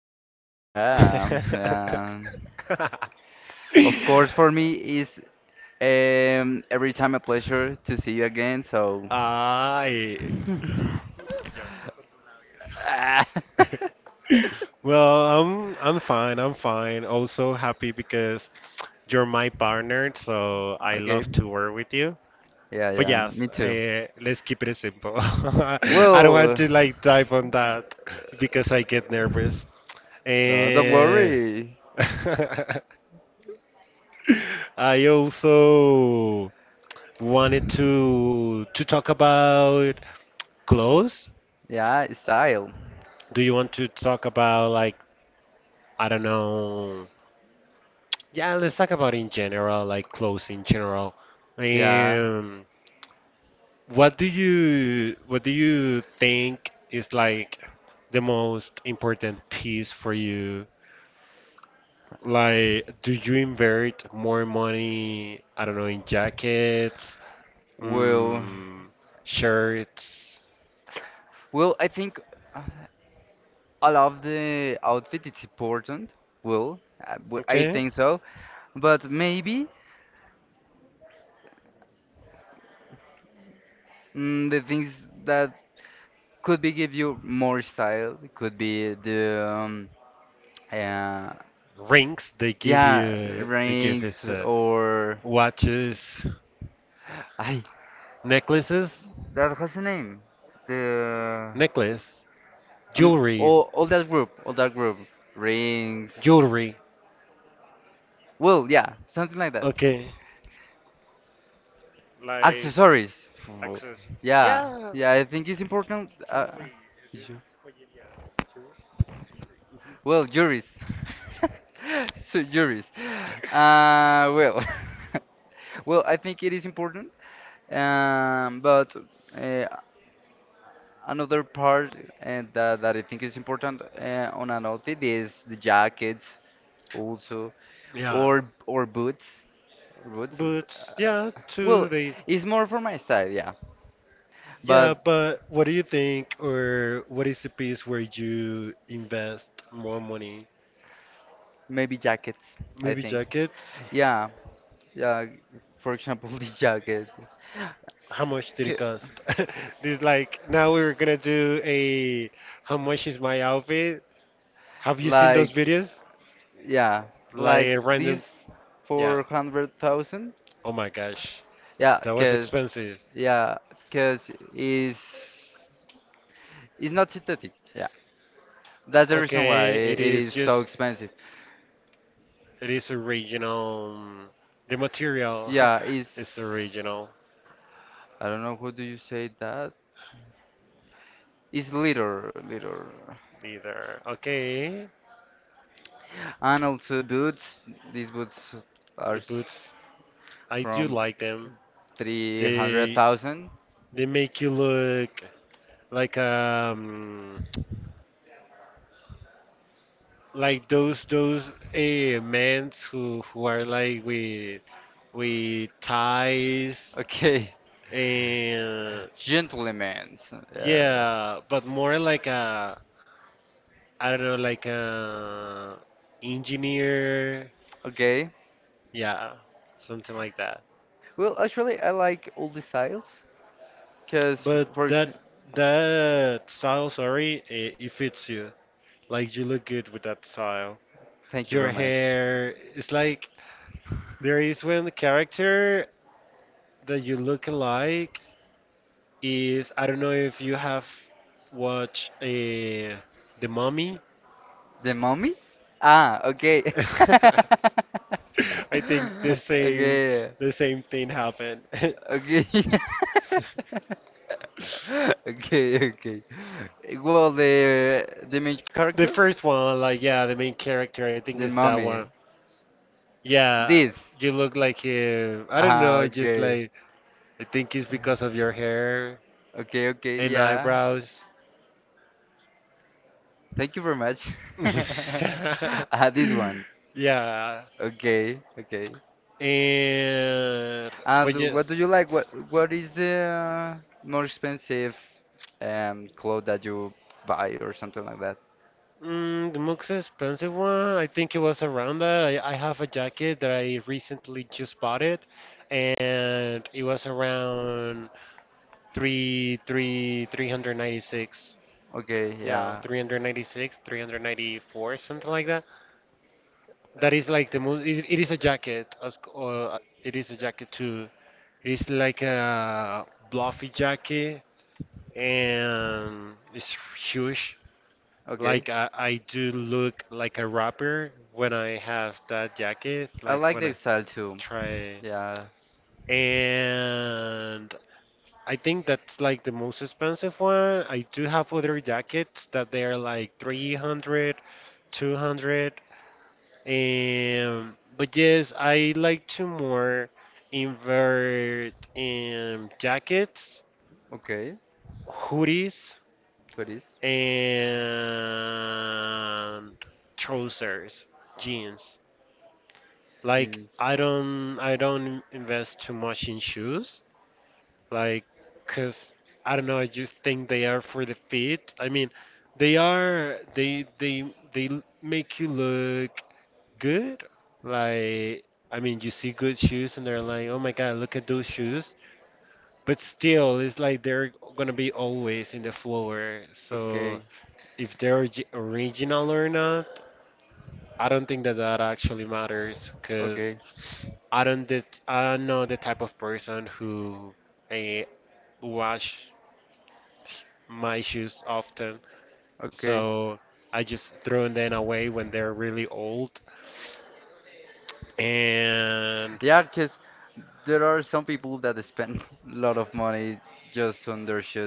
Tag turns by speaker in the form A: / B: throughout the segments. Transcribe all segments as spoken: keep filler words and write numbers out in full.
A: again. I Well, I'm I'm fine. I'm fine. Also happy because you're my partner, so I love to work with you. But yes, uh, let's keep it simple. I don't want to like dive on that because I get nervous. And I also wanted to to talk about clothes? Do you want to talk about like I don't know? Yeah, let's talk about in general, like clothes in general. Um, what do you what do you think is like the most important piece for you? Like, do you invert more money? I don't know, in jackets, mm, shirts. Okay. Rings, they give you, they give us uh, watches, necklaces, necklace, jewelry, jewelry. Okay. Like access. Yeah. Yeah. But yeah, to the yeah, but what do you think or what is the piece where you invest more money? Maybe jackets? How much did it cost? This like now we're gonna do a how much is my outfit? Have you seen those videos? Like a random, yeah. Oh my gosh, that was expensive. Okay, it is just it is original. The material is original neither. Okay, the boots I do like them. They they make you look like um like those those uh, men who who are like with with ties and yeah, but more like a I don't know like a engineer, yeah, something like that. But that that style, sorry, it, it fits you. Like you look good with that style. Your hair, it's like there is one character that you look alike, is I don't know if you have watched uh, The Mummy. I think the same the same thing happened. The first one, like yeah, the main character, I think is that one. Yeah, you look like him. I don't know, just like I think it's because of your hair and eyebrows. Yeah. And but yes, mm, the most expensive one, I think it was around that. I, I have a jacket that I recently just bought it, and it was around three three three hundred ninety six. Yeah, three hundred ninety six, three hundred ninety four, something like that. That is like the most. It, it is a jacket. As, uh, it is a jacket too. It is like a uh, bluffy jacket and it's huge. Like I, I do look like a rapper when I have that jacket, like when I try. And I think that's like the most expensive one. I do have other jackets that they are like three hundred, two hundred. two hundred. Um, but yes, I like to more invert in jackets, hoodies, and trousers, jeans. Like I don't I don't invest too much in shoes, like, cause I don't know, I just think they are for the feet. I mean, they are they they they l- make you look good. Like I mean, you see good shoes and they're like, "Oh my God, look at those shoes." But still, it's like they're gonna be always in the floor. So if they're origi- original or not, I don't think that that actually matters because I don't det- I'm not the type of person who eh, wash my shoes often. So I just throw them away when they're really old. And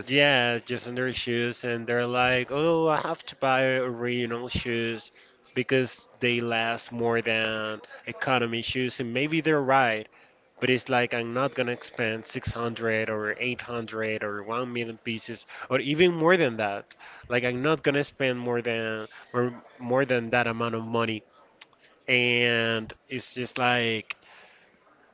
A: yeah, just under shoes, and they're like, oh, I have to buy original shoes because they last more than economy shoes, and maybe they're right. But it's like I'm not gonna spend six hundred or eight hundred or one million pieces or even more than that. Like I'm not gonna spend more than more, more than that amount of money. And it's just like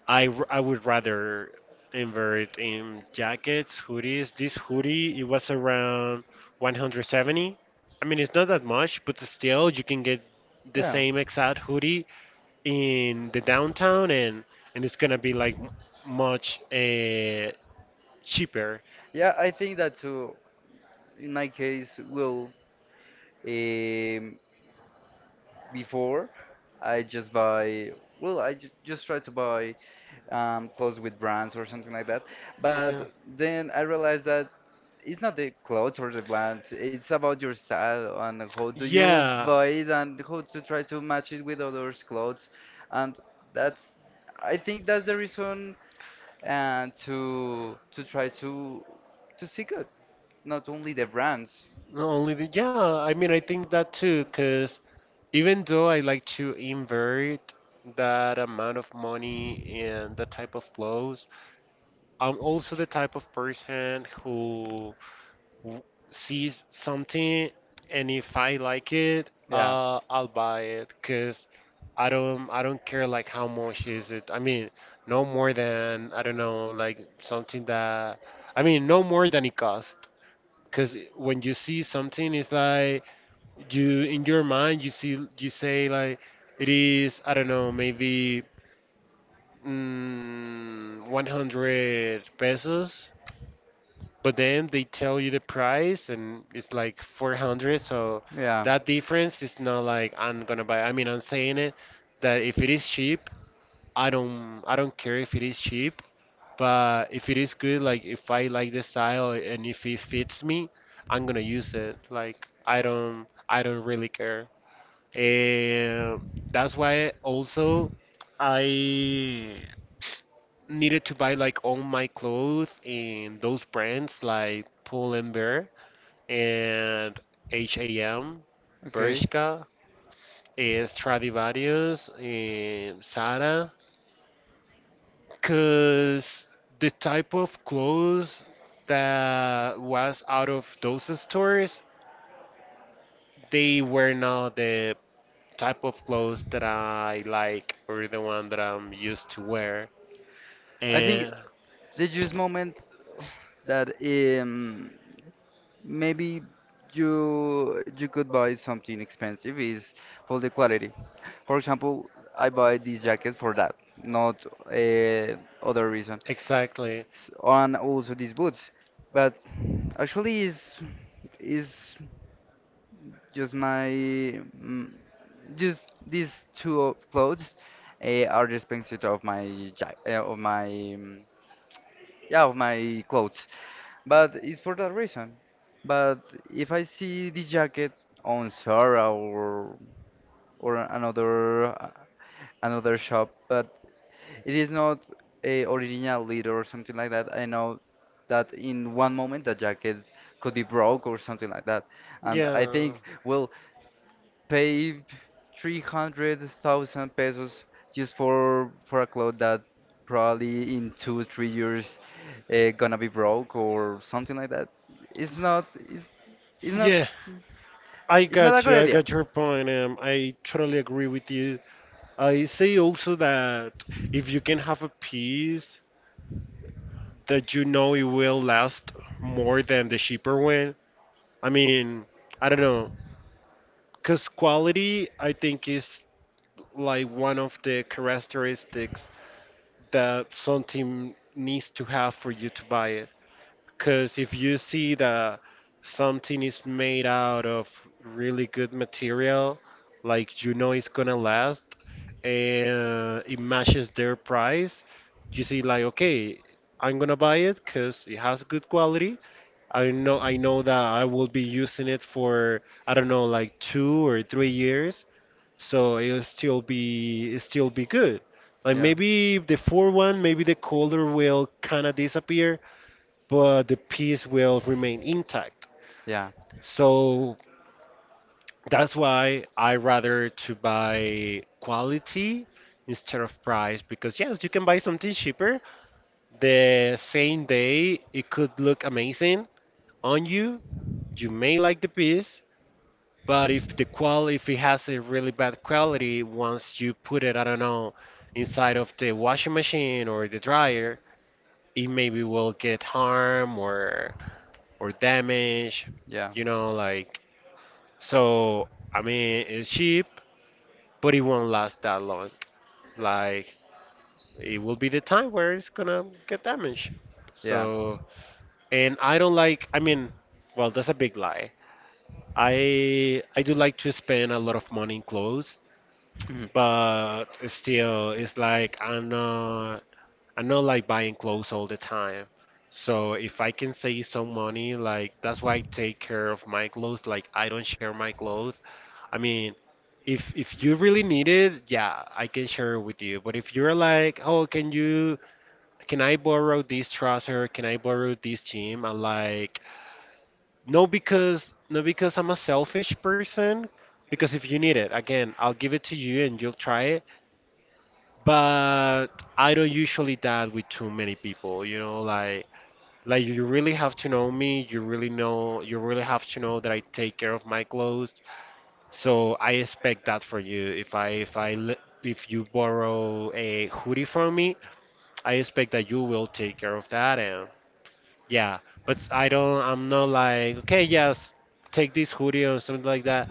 A: I, r- I would rather invert in jackets, hoodies. This hoodie, it was around one hundred seventy. I mean, it's not that much, but still you can get the same exact hoodie in the downtown and and it's gonna be like m- much uh, cheaper. Okay. Yeah. Not only the yeah, I mean I think that too, because even though I like to invert that amount of money and that type of clothes, I'm also the type of person who w- see something and if I like it, uh, I'll buy it because I don't I don't care like how much is it. I mean, no more than I don't know like something that I mean no more than it cost. Because when you see something, it's like you in your mind you see you say like it is I don't know maybe mm, one hundred pesos but then they tell you the price and it's like four hundred so that difference is not like I'm gonna buy I mean I'm saying it that if it is cheap i don't i don't care if it is cheap but if it is good like if I like the style and if it fits me I'm gonna use it like i don't i don't really care. And that's why also I needed to buy like all my clothes in those brands like Pull and Bear and H and M, Bershka, eh, Stradivarius, and Zara, because the type of clothes that was out of those stores, they were not the type of clothes that I like or the one that I'm used to wear. And exactly. But it is I'm I'll jacket or something like that that. Yeah, I got you. I got your point. Um, I totally agree with you. I say also that if you can have a piece that you know it will last more than the cheaper one? I mean, I don't know, because quality I think is like one of the characteristics that something needs to have for you to buy it. Because if you see that something is made out of really good material, like you know it's gonna last, and it matches their price, you see like okay, I'm gonna buy it because it has good quality. I know I know that I will be using it for I don't know like two or three years, so it'll still be it'll still be good. Like maybe the four one, maybe the color will kind of disappear, but the piece will remain intact. So that's why I rather to buy quality instead of price because yes, you can buy something cheaper the same day. It could look amazing on you. You may like the piece. But if the qual if it has a really bad quality, once you put it, I don't know, inside of the washing machine or the dryer, it maybe will get harm or or damage, you know, like so I mean it's cheap, but it won't last that long. Like it will be the time where it's gonna get damaged. So and I don't like I mean well that's a big lie. I I do like to spend a lot of money in clothes but still it's like i'm not i'm not like buying clothes all the time so if I can save some money like that's why I take care of my clothes like I don't share my clothes I mean if if you really need it yeah I can share it with you but if you're like oh can you can I borrow this trouser can I borrow this jean I'm like no because no because I'm a selfish person because if you need it again I'll give it to you and you'll try it but I don't usually that with too many people, you know, like like you really have to know me, you really know you really have to know that I take care of my clothes. So I expect that for you. If I if I le- If you borrow a hoodie from me, I expect that you will take care of that and yeah, but I don't I'm not like, okay, yes, take this hoodie or something like that.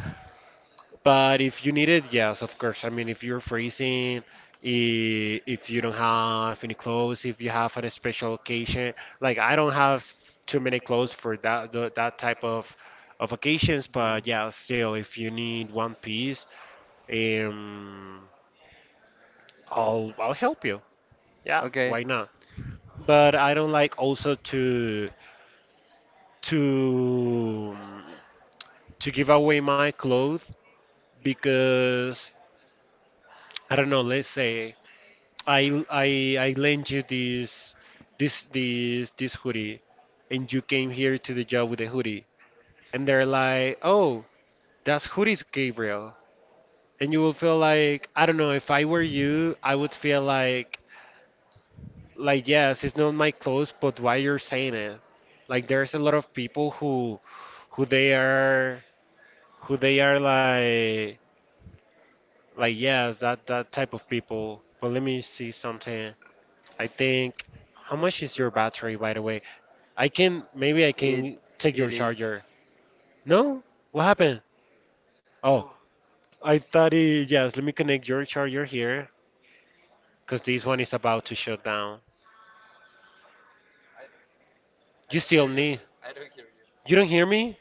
A: But if you need it, yes, of course. I mean, if you're freezing, i- if you don't have any clothes, if you have a special occasion, like I don't have too many clothes for that tho- that type of of occasions. But yeah, still, if you need one piece, um, I'll I'll help you. Yeah, why not? But I don't like also to to to give away my clothes because I don't know. Let's say I I I lend you this this this this hoodie, and you came here to the job with the hoodie, and they're like, oh, that's hoodie's Gabriel, and you will feel like I don't know if I were you, I would feel like like yes, it's not my clothes, but why you're saying it? Like there's a lot of people who who they are who they are like like yes that that type of people. But let me see something. I think how much is your battery by the way? I can maybe I can take your charger. No? What happened? Oh, I thought it yes, let me connect your charger here cuz this one is about to shut down. You still need. You don't hear me?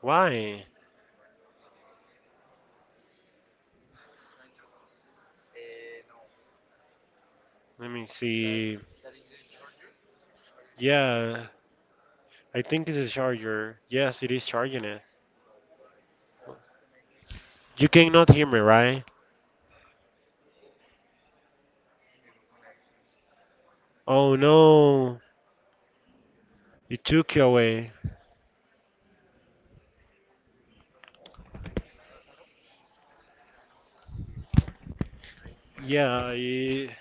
A: Why? Let me see. Yeah, I think it's a charger. Yes, it is charging it. You cannot hear me, right? Oh no. It took you away. Yeah, I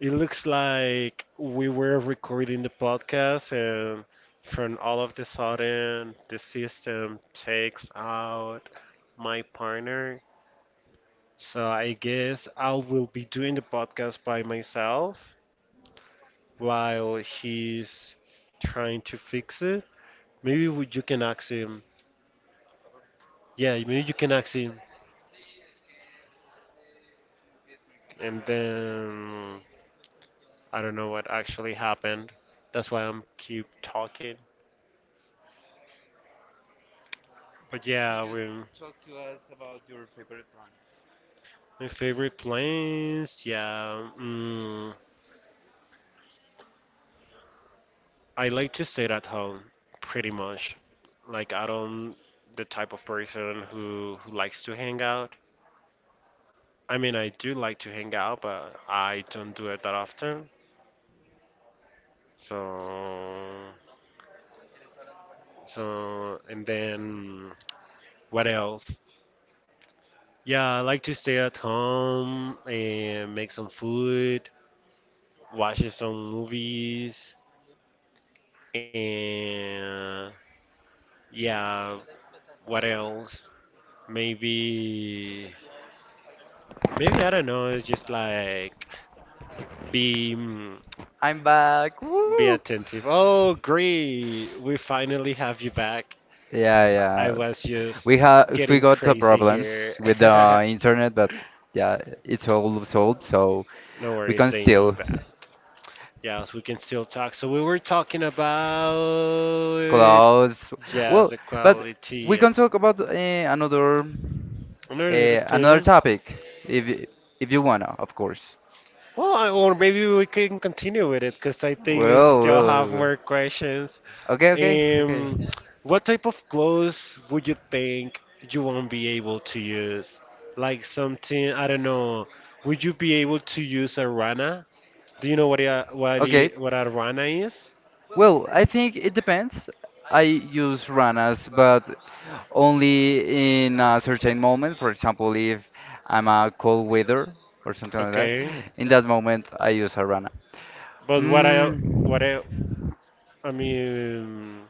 A: It looks like we were recording the podcast, and from all of the sudden, the system takes out my partner. So I guess I will be doing the podcast by myself while he's trying to fix it. Maybe we- you can ask him. Yeah, maybe you can ask him. And then I don't know what actually happened. That's why I'm keep talking. But yeah, you we're my favorite plants. Yeah, mm, I like to stay at home pretty much. Like I don't The type of person who who likes to hang out. I mean, I do like to hang out, but I don't do it that often. So, so, and then what else? Yeah, I like to stay at home and make some food, watch some movies, and yeah, what else? Maybe, Maybe I don't know. It's just like be mm,
B: I'm back.
A: be
B: Woo!
A: attentive. Oh, great! We finally have you back.
B: Yeah, yeah.
A: I was just
B: We have we
A: getting
B: got uh,
A: crazy
B: problems
A: here.
B: with the internet, but yeah, it's all solved, so
A: No
B: we
A: worries,
B: can
A: they know
B: still
A: that. Yes, we can still talk. So we were talking about
B: close.
A: just
B: Well,
A: the
B: but
A: quality
B: we
A: and
B: can talk about uh, another
A: another
B: uh, another
A: thing.
B: topic if y- if you wanna, of course.
A: Well, I- or maybe we can continue with it because I think it
B: Well,
A: still
B: well, well.
A: have
B: well.
A: more questions.
B: okay, okay, okay,
A: Um, what type of clothes would you think you won't be able to use? Like something, I don't know. Would you be able to use a rana? Do you know what a what a,
B: okay.
A: what a rana is?
B: Well, I think it depends. I use ranas, but only in a certain moment. For example, if I'm a cold weather or something like that,
A: Okay,
B: in that moment I use a rana.
A: but what I what I
B: Mm,
A: I mean,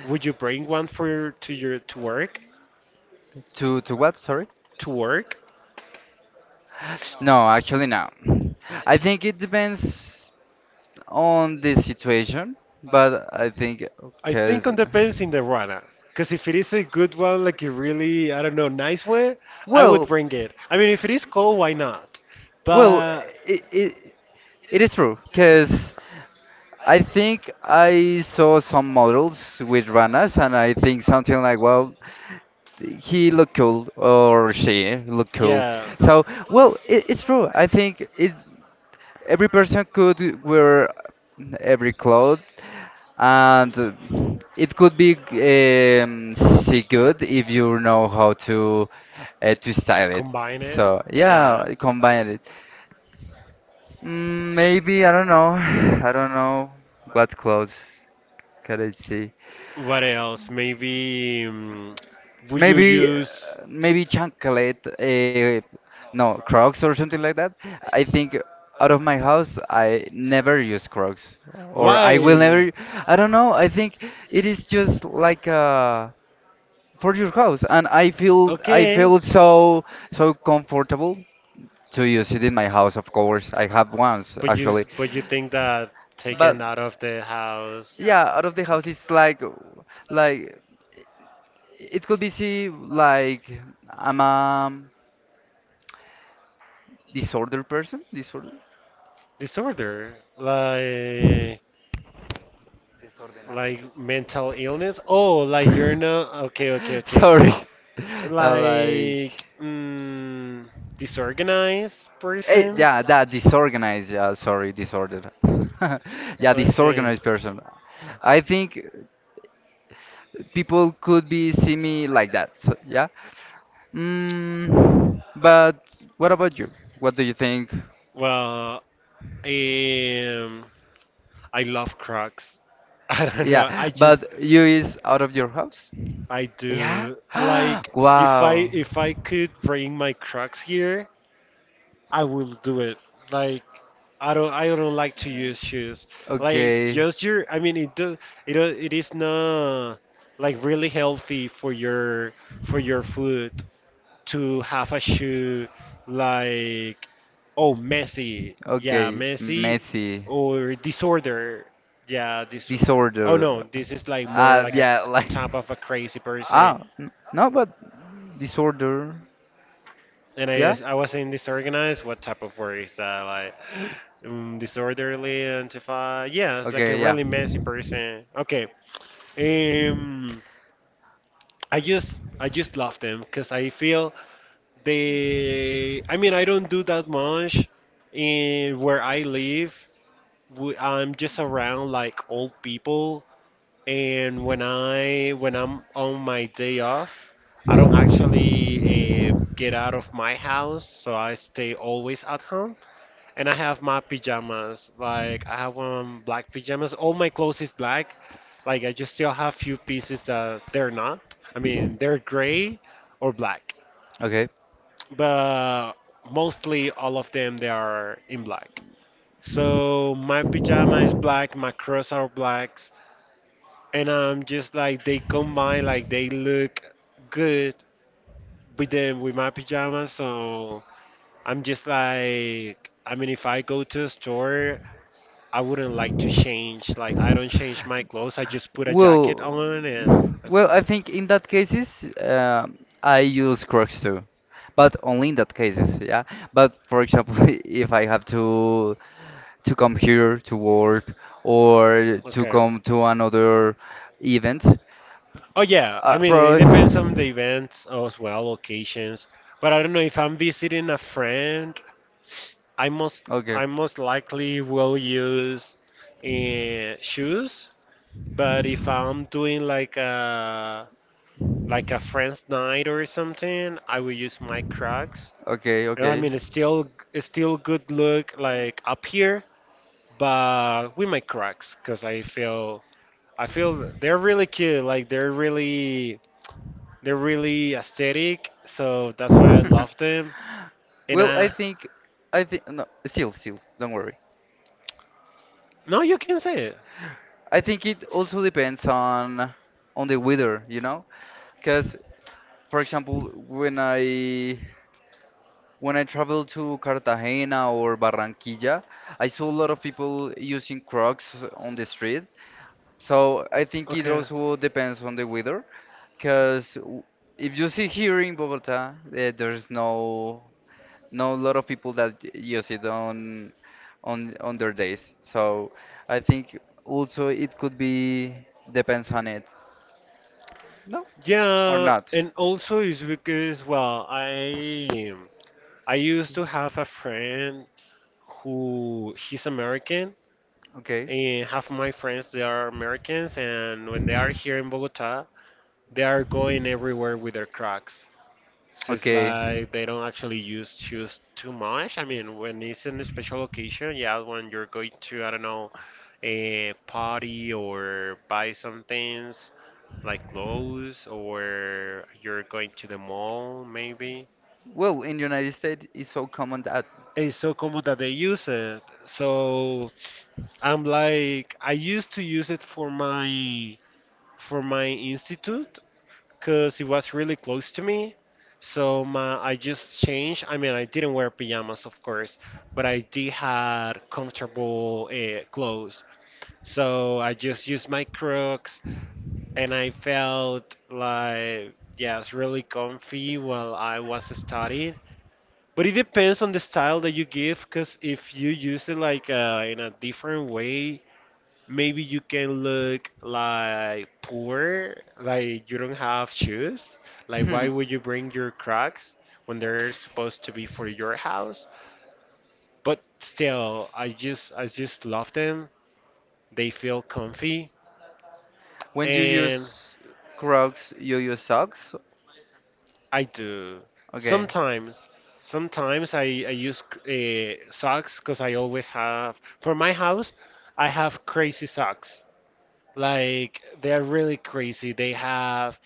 A: would you bring one for to your to work?
B: to to what? Sorry.
A: To work?
B: No, actually no. I think it depends on the situation, but I think
A: I think
B: because
A: it depends in the runner. Because if it is a good one, like a really, I don't know, nice one, I
B: well,
A: would bring it. I mean, if it is cold, why not?
B: well,
A: But
B: it, it, it is true because I think I saw some models with runners, and I think something like, well, he looked cool or she looked cool.
A: yeah,
B: So, well, it, it's true. I think it every person could wear every cloth, and uh, it could be um, see good if you know how to uh, to style it.
A: combine it.
B: So
A: Yeah.
B: yeah, combine it. Mm, maybe I don't know. I don't know what clothes can I see.
A: What else? Maybe um, Would you
B: Maybe, uh,
A: use
B: maybe chocolate. Uh, no, Crocs or something like that. I think out of my house, I never use Crocs, or I will
A: why?
B: never. I don't know. I think it is just like uh, for your house, and I feel I
A: Okay.
B: feel so so comfortable to use it in my house. Of course, I have ones
A: But you s-
B: actually,
A: but you think that taken
B: but
A: out of the house?
B: yeah, out of the house
A: Okay.
B: it's like like it could be see like I'm a disordered person? Disorder?
A: Disorder, like
B: Desordenado.
A: like mental illness. Oh, like you're not okay, okay, okay.
B: Sorry. Yeah, like.
A: Like mm, Disorganized
B: Eh,
A: person.
B: yeah, that disorganized. Yeah, sorry, disordered. Yeah,
A: Okay.
B: disorganized person. I think people could be see me like that. So, yeah. Mm, but what about you? What do you think?
A: Well, um, I love Crocs. I don't know. I
B: Yeah,
A: just
B: but you is out of your house?
A: I
B: Yeah.
A: do. Like if I
B: Wow.
A: if I could bring my Crocs here, I will do it. Like I don't I don't like to use shoes. Like
B: Okay.
A: just your, I mean it does it do- it is not like really healthy for your for your foot to have a shoe like oh messy. Yeah,
B: Okay,
A: messy
B: messy,
A: or disorder. Yeah, this Oh no,
B: disorder.
A: this is like more
B: Uh,
A: like a
B: yeah, like.
A: type of a crazy person.
B: Ah, n- no, but disorder.
A: And I,
B: Yeah?
A: I was saying disorganized. What type of word is that? Like um, disorderly, antifa. Yes, like a
B: Okay, yeah.
A: really messy person. Okay. Um, I just I just love them because I feel they. I mean, I don't do that much in where I live. w- I'm just around like old people, and when I when I'm on my day off, I don't actually uh, get out of my house, so I stay always at home. And I have my pajamas. Like I have um black pajamas. All my clothes is black. Like I just still have few pieces that they're not. I mean they're gray or black,
B: Okay.
A: but mostly all of them they are in black. So my pajama is black. My clothes are blacks, and I'm just like they combine. Like they look good with them with my pajamas. So I'm just like. I mean, if I go to a store I wouldn't like to change. Like I don't change my clothes. I just put a jacket
B: Well,
A: on and.
B: well, I think in that cases, um I use Crocs too, but only in that cases, yeah. But for example, if I have to to come here to work or to
A: Okay.
B: come to another event,
A: Oh yeah. I
B: uh,
A: mean, it depends on the
B: probably.
A: events as well, occasions. But I don't know if I'm visiting a friend. I most
B: Okay,
A: I most likely will use uh, shoes. But if I'm doing like a like a friend's night or something, I would use my Crocs.
B: okay,
A: And I
B: okay.
A: mean, it's still it's still good look like up here, but with my Crocs because I feel I feel they're really cute. Like they're really they're really aesthetic, so that's why I love them. And
B: Well, I
A: uh,
B: think, I think no, still, still, don't worry.
A: no, you can say it.
B: I think it also depends on on the weather, you know, because for example, when I when I travel to Cartagena or Barranquilla, I saw a lot of people using Crocs on the street. So I think it
A: Okay.
B: also depends on the weather, because if you see here in Bogota, eh, there's no know a lot of people that use it on on on their days. So I think also it could be depends on it. No? Or
A: Yeah,
B: not.
A: and also it's because well, I I used to have a friend who he's American,
B: Okay.
A: and half of my friends they are Americans, and when they are here in Bogota, they are going everywhere with their Crocs. So it's
B: Okay.
A: like they don't actually use shoes too much. I mean, when it's in a special occasion, yeah, when you're going to, I don't know, a party or buy some things like clothes, or you're going to the mall, maybe.
B: Well, in United States it's so common that
A: It's so common that they use it. So I'm like, I used to use it for my for my institute because it was really close to me. So my I just changed. I mean, I didn't wear pajamas, of course, but I did had comfortable uh, clothes. So I just used my Crocs, and I felt like yes, really comfy while I was studying, but it depends on the style that you give, because if you use it like uh, in a different way, maybe you can look like poor, like you don't have shoes. Like, why would you bring your Crocs when they're supposed to be for your house? But still, I just I just love them. They feel comfy,
B: when you
A: and
B: use Crocs, you use socks?
A: I do.
B: Okay.
A: Sometimes, Sometimes I, I use uh, socks because I always have, for my house, I have crazy socks. Like, they're really crazy. They have,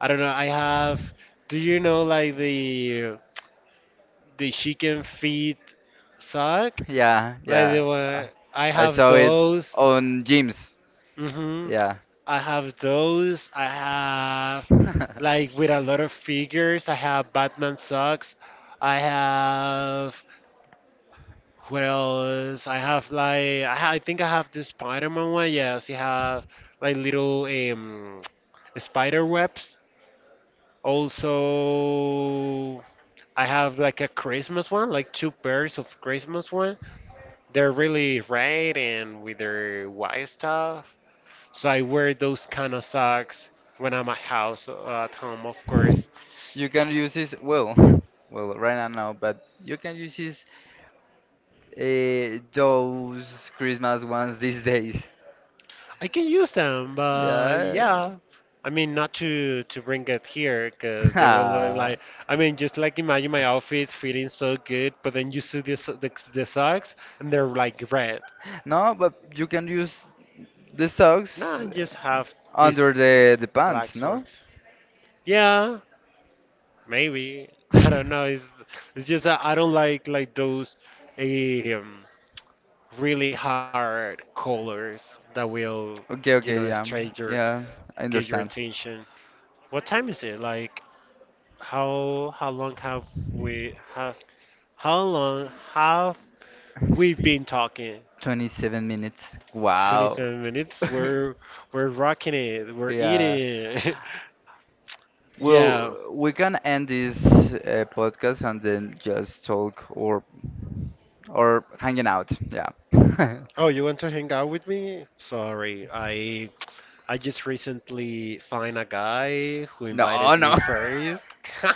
A: I don't know, I have, do you know, like the the chicken feet sock?
B: Yeah,
A: Like
B: yeah.
A: the
B: Uh,
A: one, I
B: I
A: have
B: saw it
A: those.
B: on gyms.
A: Hmm.
B: Yeah.
A: I have those. I have like with a lot of figures. I have Batman socks. I have what else? I have like I, ha- I think I have the Spider-Man one. Yes, you have like little um spider webs. Also, I have like a Christmas one, like two pairs of Christmas one. They're really red and with their white stuff. So I wear those kind of socks when I'm at house uh, at home, of course.
B: you can use this well, well right now no, but you can use this uh, those Christmas ones these days.
A: I can use them, but
B: Yeah.
A: yeah. I mean, not to to bring it here because they will look
B: Ah.
A: like. I mean, just like imagine my outfit feeling so good, but then you see this the, the socks and they're like red.
B: No, but you can use the
A: No,
B: socks
A: I just have
B: under
A: these
B: the the
A: black
B: pants, no?
A: ones. Yeah, maybe. I don't know. It's it's just that I don't like like those. eh, Um, Really hard colors that will, you
B: Okay,
A: know,
B: okay, yeah,
A: strike your
B: yeah, I
A: get your
B: understand.
A: attention. What time is it? Like how how long have we have how long have we been talking?
B: twenty-seven minutes. Wow.
A: twenty-seven minutes. We're we're rocking it. We're
B: Yeah.
A: eating. Yeah.
B: Well, we can end this uh, podcast and then just talk or or hanging out. Yeah.
A: Oh, you want to hang out with me? Sorry. I I just recently find a guy who
B: No,
A: invited me
B: no.
A: first. And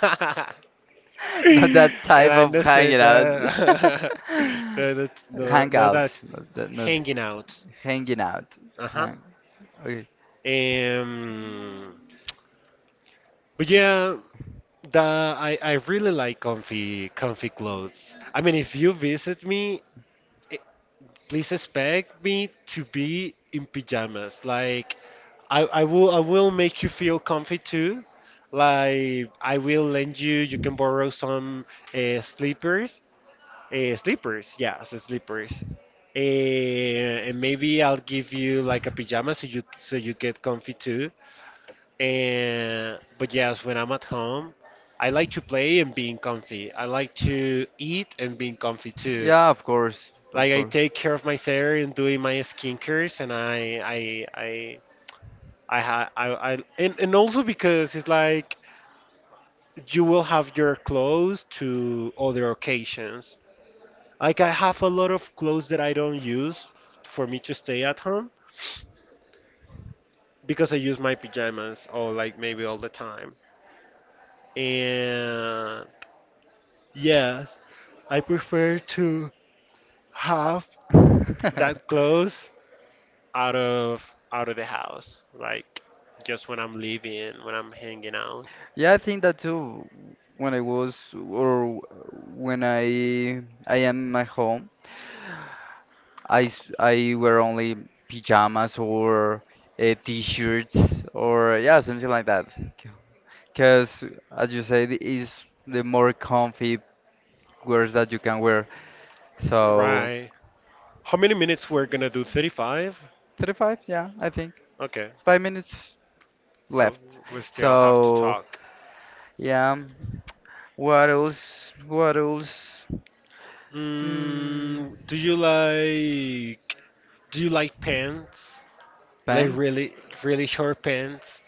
B: Not that type
A: I
B: of
A: just say
B: hanging out.
A: that no, that no,
B: Hang
A: no,
B: out.
A: that's
B: Not, that, not
A: hanging out.
B: hanging out.
A: Uh huh.
B: Hang. Okay.
A: Um, but yeah, the I, I really like comfy comfy clothes. I mean, if you visit me, eh, please expect me to be in pajamas. Like I, I will I will make you feel comfy too. Like I will lend you. You can borrow some uh, slippers. Uh, slippers, yes, slippers. Uh, and maybe I'll give you like a pajama so you so you get comfy too. And but yes, when I'm at home, I like to play and being comfy. I like to eat and being comfy too.
B: Yeah, of course. Of
A: Like I
B: course.
A: take care of my hair and doing my skincares, and I I I I ha I, I and, and also because it's like you will have your clothes to other occasions. Like I have a lot of clothes that I don't use for me to stay at home because I use my pajamas or like maybe all the time. And yes, I prefer to have that clothes out of out of the house, like just when I'm leaving, when I'm hanging out.
B: Yeah, I think that too. When I was or when I I am in my home, I s- I wear only pajamas or uh, t-shirts or yeah, something like that. Because as you said, is the more comfy wears that you can wear. So
A: Right. How many minutes we're gonna do? thirty-five?
B: thirty-five, yeah, I think
A: Okay.
B: five minutes
A: So
B: left.
A: we still have to
B: So
A: talk.
B: yeah, what else? What else? Hmm,
A: Mm, do you like do you like pants? Like
B: pants?
A: really really short pants?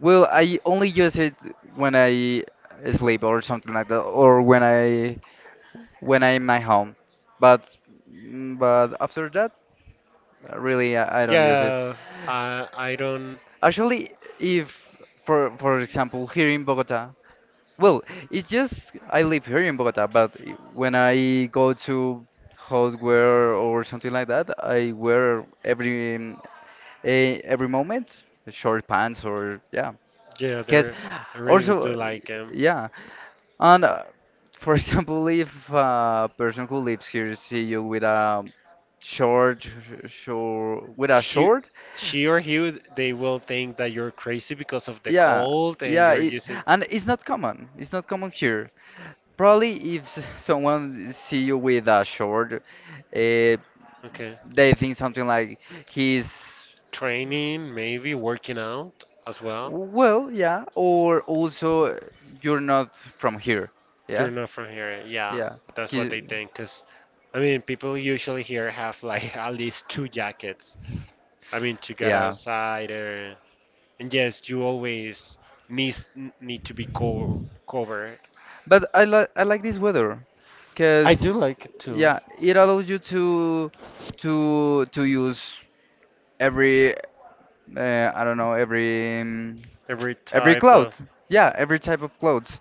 B: Well, I only use it when I sleep or something like that, or when I when I'm at my home. But mm, but after that, uh, really, I, I don't use it.
A: Yeah, I I don't.
B: Actually, if for for example here in Bogota, well, it's just I live here in Bogota, but i- when I go to hardware or something like that, I wear every mm, eh, every moment short pants or yeah.
A: Yeah,
B: Cause
A: they're. I really do
B: also
A: like him.
B: yeah. And uh, for example, if a person who lives here see you with a short, short, with a
A: He,
B: short,
A: she or he, they will think that you're crazy because of the
B: yeah,
A: cold and
B: yeah,
A: you're
B: it,
A: using.
B: and it's not common. It's not common here. Probably if s- someone see you with a short, uh,
A: Okay,
B: they think something like he's
A: training, maybe working out as well.
B: well, yeah, or also you're not from here, yeah,
A: You're not from here. Yeah,
B: yeah,
A: that's what
B: he-
A: they think. Cause, I mean, people usually here have like at least two jackets. I mean, to get
B: yeah.
A: outside or. And yes, you always needs, n- need to be co covered.
B: But I like I like this weather,
A: I
B: cause
A: do like it too.
B: yeah, it allows you to to to use every uh, I don't know every um,
A: Every
B: every
A: type
B: cloud.
A: of.
B: Yeah, every type of clothes.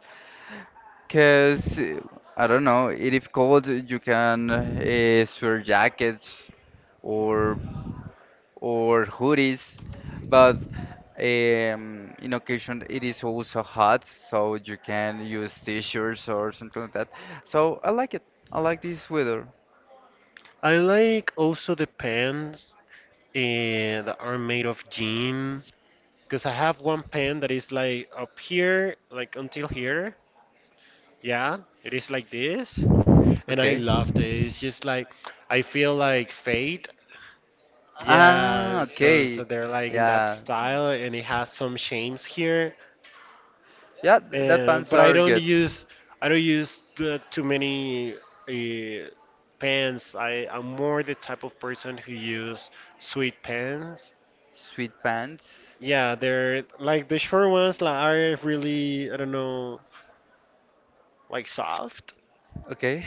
B: Cause uh, I don't know, if it's cold, you can uh, wear jackets or or hoodies, but um, in occasion it is also hot, so you can use t-shirts or something like that. So I like it. I like this weather.
A: I like also the pens eh, that are made of jean. Because I have one pen that is like up here, like until here. Yeah, it is like this. And I
B: Okay.
A: love this. It's just like, I feel like fade.
B: Ah,
A: Yeah, so, so
B: okay.
A: they're like in that
B: Yeah.
A: style, and it has some shames here.
B: Yeah, th- that
A: And
B: pants
A: but I
B: are
A: don't
B: good.
A: use I don't use the, too many uh, pens. I I'm more the type of person who use sweet pens.
B: Sweet pants.
A: Yeah, they're like the short ones like are really I don't know like soft,
B: Okay.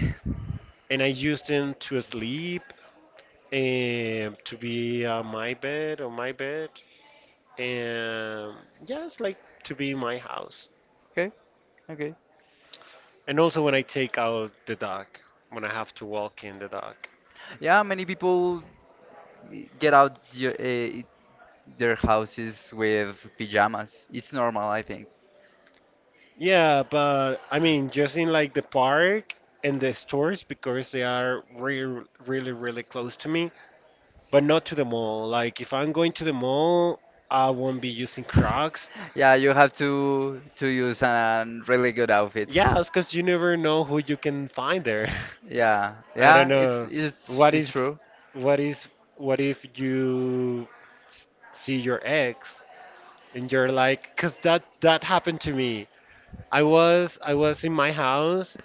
A: and I use them to sleep and to be on my bed on my bed and yeah, it's like to be in my house.
B: Okay. Okay.
A: And also when I take out the dog when I have to walk in the dog.
B: Yeah, many people get out your, uh, their houses with pajamas. It's normal, I think.
A: Yeah, but I mean, just in like the park and the stores because they are really, really, really close to me, but not to the mall. Like, if I'm going to the mall, I won't be using Crocs.
B: Yeah, you have to to use a really good outfit.
A: Yeah, it's because you never know who you can find there.
B: Yeah,
A: I don't
B: yeah, it's
A: know.
B: it's
A: What
B: it's
A: is,
B: true.
A: what is, what if you s- see your ex and you're like, because that that happened to me. I was I was in my house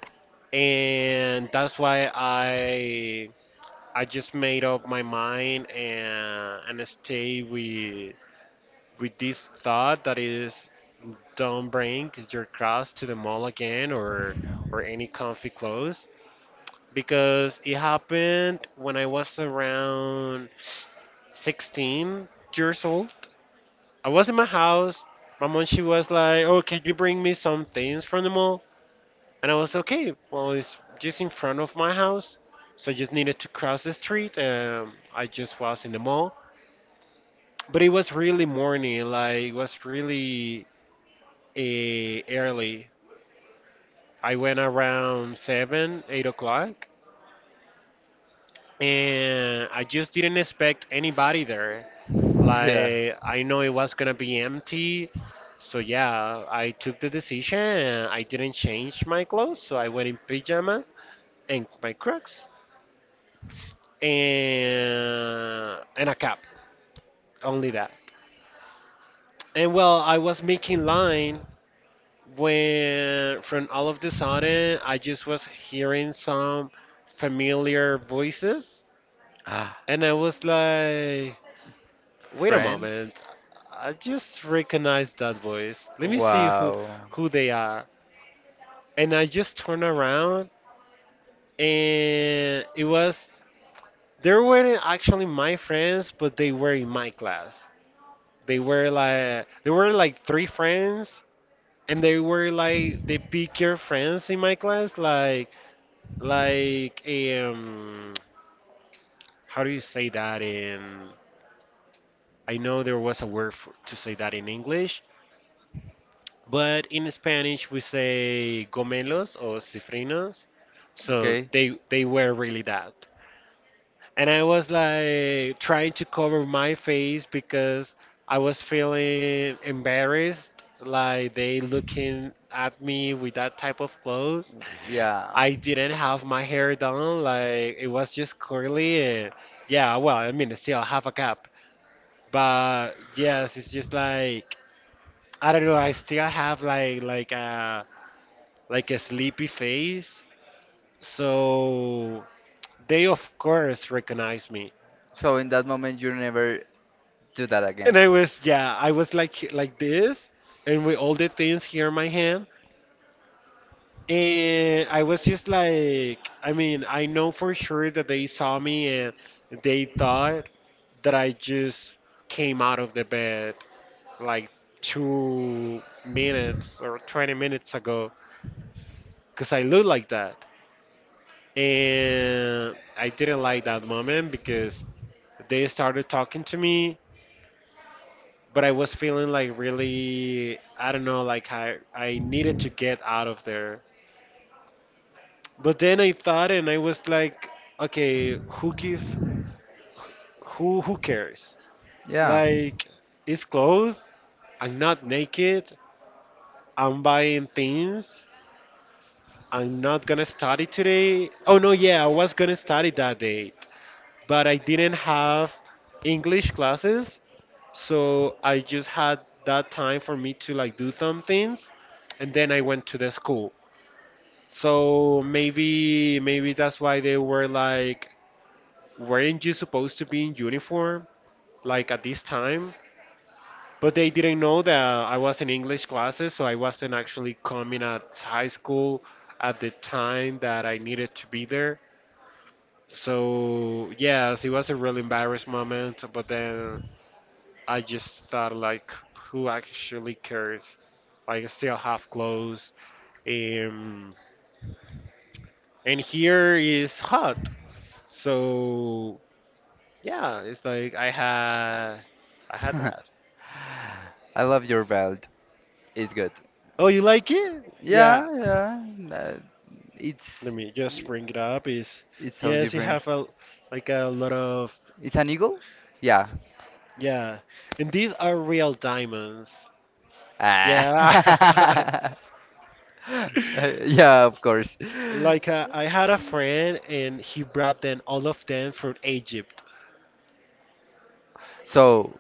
A: and that's why I I just made up my mind and and stay with with this thought that is don't bring your cross to the mall again or or any comfy clothes because it happened when I was around sixteen years old. I was in my house. My mom she was like, "Oh, can you bring me some things from the mall?" And I was okay. Well, it's just in front of my house, so I just needed to cross the street. Um, I just was in the mall, but it was really morning. Like it was really uh, early. I went around seven, eight o'clock, and I just didn't expect anybody there.
B: Yeah.
A: Like I know it was gonna be empty, so yeah, I took the decision. And I didn't change my clothes, so I went in pajamas and my Crocs, and and a cap, only that. And well, I was making line when from all of the sudden I just was hearing some familiar voices,
B: Ah,
A: and I was like, wait a
B: friends.
A: moment, I just recognize that voice. Let me see who
B: Wow.
A: who they are. And I just turned around and it was they weren't actually my friends, but they were in my class. They were like they were like three friends and they were like the picture friends in my class like like um how do you say that in I know there was a word for, to say that in English but in Spanish we say gomelos or cifrinos so
B: Okay.
A: they they were really that and I was like trying to cover my face because I was feeling embarrassed, like they looking at me with that type of clothes.
B: Yeah.
A: I didn't have my hair done, like it was just curly and yeah, well, I mean, still have a cap, but yes, it's just like I don't know, I still have like like a like a sleepy face, so they of course recognize me.
B: So in that moment, you never do that
A: And
B: again.
A: I was, yeah, I was like like this, and with all the things here in my hand. And I was just like, I mean, I know for sure that they saw me and they thought that I just came out of the bed like two minutes or twenty minutes ago because I look like that. And I didn't like that moment because they started talking to me but I was feeling like really, I don't know, like I, I needed to get out of there. But then I thought and I was like, okay, who give, who, who cares?
B: Yeah.
A: Like, it's clothes, I'm not naked, I'm buying things, I'm not gonna study today. Oh no, yeah, I was gonna study that day, but I didn't have English classes, so I just had that time for me to like do some things and then I went to the school. So maybe maybe that's why they were like, weren't you supposed to be in uniform like at this time? But they didn't know that I was in English classes, so I wasn't actually coming at high school at the time that I needed to be there. So yes, it was a really embarrassed moment, but then I just thought like, who actually cares? Like, I still have clothes, um, and here is hot. So yeah, it's like I had I had that.
B: I love your belt. It's good.
A: Oh, you like it?
B: Yeah,
A: Yeah.
B: yeah. uh,
A: Let
B: it's
A: me just bring it up. Is
B: it's so
A: yes, you
B: different.
A: have a like a lot of
B: It's an eagle? Yeah.
A: yeah, and these are real diamonds. Yeah.
B: Ah. Uh, yeah, of course.
A: Like uh, I had a friend, and he brought them all of them from Egypt.
B: So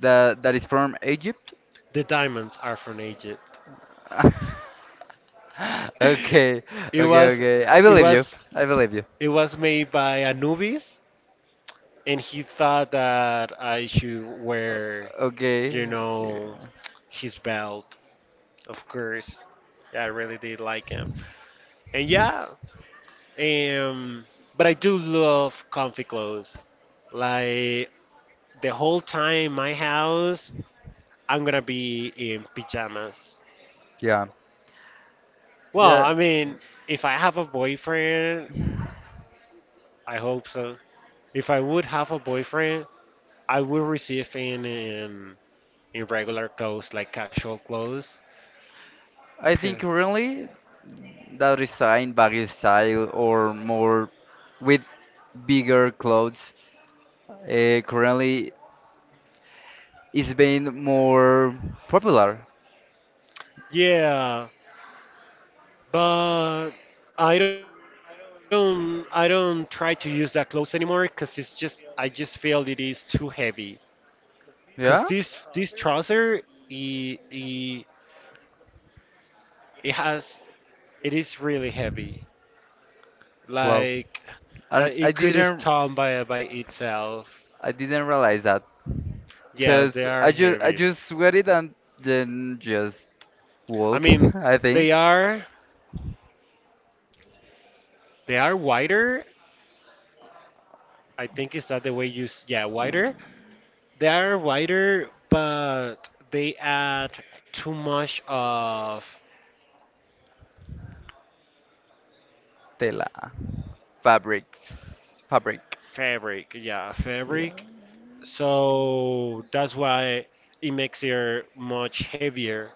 B: that that is from Egypt.
A: The diamonds are from Egypt.
B: Okay,
A: It
B: okay,
A: was,
B: okay. I
A: it
B: believe you.
A: was,
B: I believe you.
A: it was made by Anubis, and he thought that I should
B: O-
A: wear, you
B: Okay, okay.
A: know, his belt, of course. Yeah, I really did like him. And yeah, um, but I do love comfy clothes. Like the whole time in my house, I'm gonna be in pajamas.
B: Yeah,
A: Well,
B: yeah.
A: I mean, if I have a boyfriend, I hope so. If I would have a boyfriend, I would receive him in in regular clothes, like casual clothes.
B: I think
A: Okay.
B: currently that resign baggy style or more with bigger clothes uh, currently is being more popular.
A: Yeah, but I don't I don't try to use that clothes anymore because it's just I just feel it is too heavy. Because
B: Yeah?
A: this this trouser it, it, it has it is really heavy.
B: Wow.
A: Like
B: I,
A: like
B: I
A: it could is
B: didn't
A: torn by by itself.
B: I didn't realize that
A: Yes, they
B: because
A: are
B: I just I
A: heavy.
B: just wear it and then just
A: I
B: walk.
A: mean,
B: I think
A: they are they are wider. I think is that the way you s- yeah wider, they are wider, but they add too much of
B: tela fabrics fabric.
A: fabric. Yeah,
B: Yeah.
A: fabric. So that's why it makes your much heavier.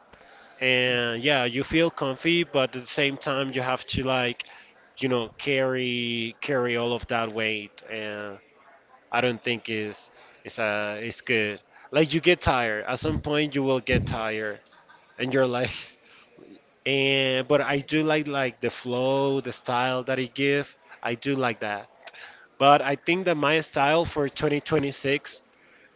A: And yeah, you feel comfy, but at the same time you have to like, you know, carry carry all of that weight. And I don't think is is uh is good. Like you get tired. At some point you will get tired, and you're like. and but I do like like the flow, the style that he give. I do like that. But I think that my style for twenty twenty-six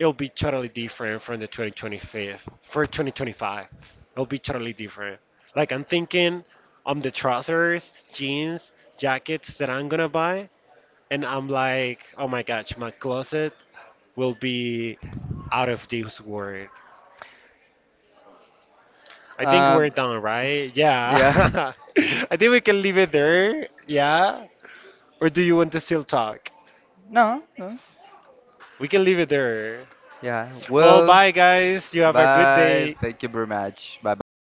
A: it'll be totally different from the twenty twenty-five. For twenty twenty-five, it'll be totally different. Like I'm thinking on the trousers, jeans, jackets that I'm gonna buy, and I'm like, oh my gosh, my closet will be out of this world. I think we're
B: Um,
A: done, right?
B: yeah.
A: Yeah. I think we can leave it there. Yeah. Or do you want to still talk?
B: No, no.
A: We can leave it there.
B: Yeah.
A: Well,
B: Well,
A: bye, guys. You have a good
B: bye.
A: day.
B: Thank you very much. Bye bye.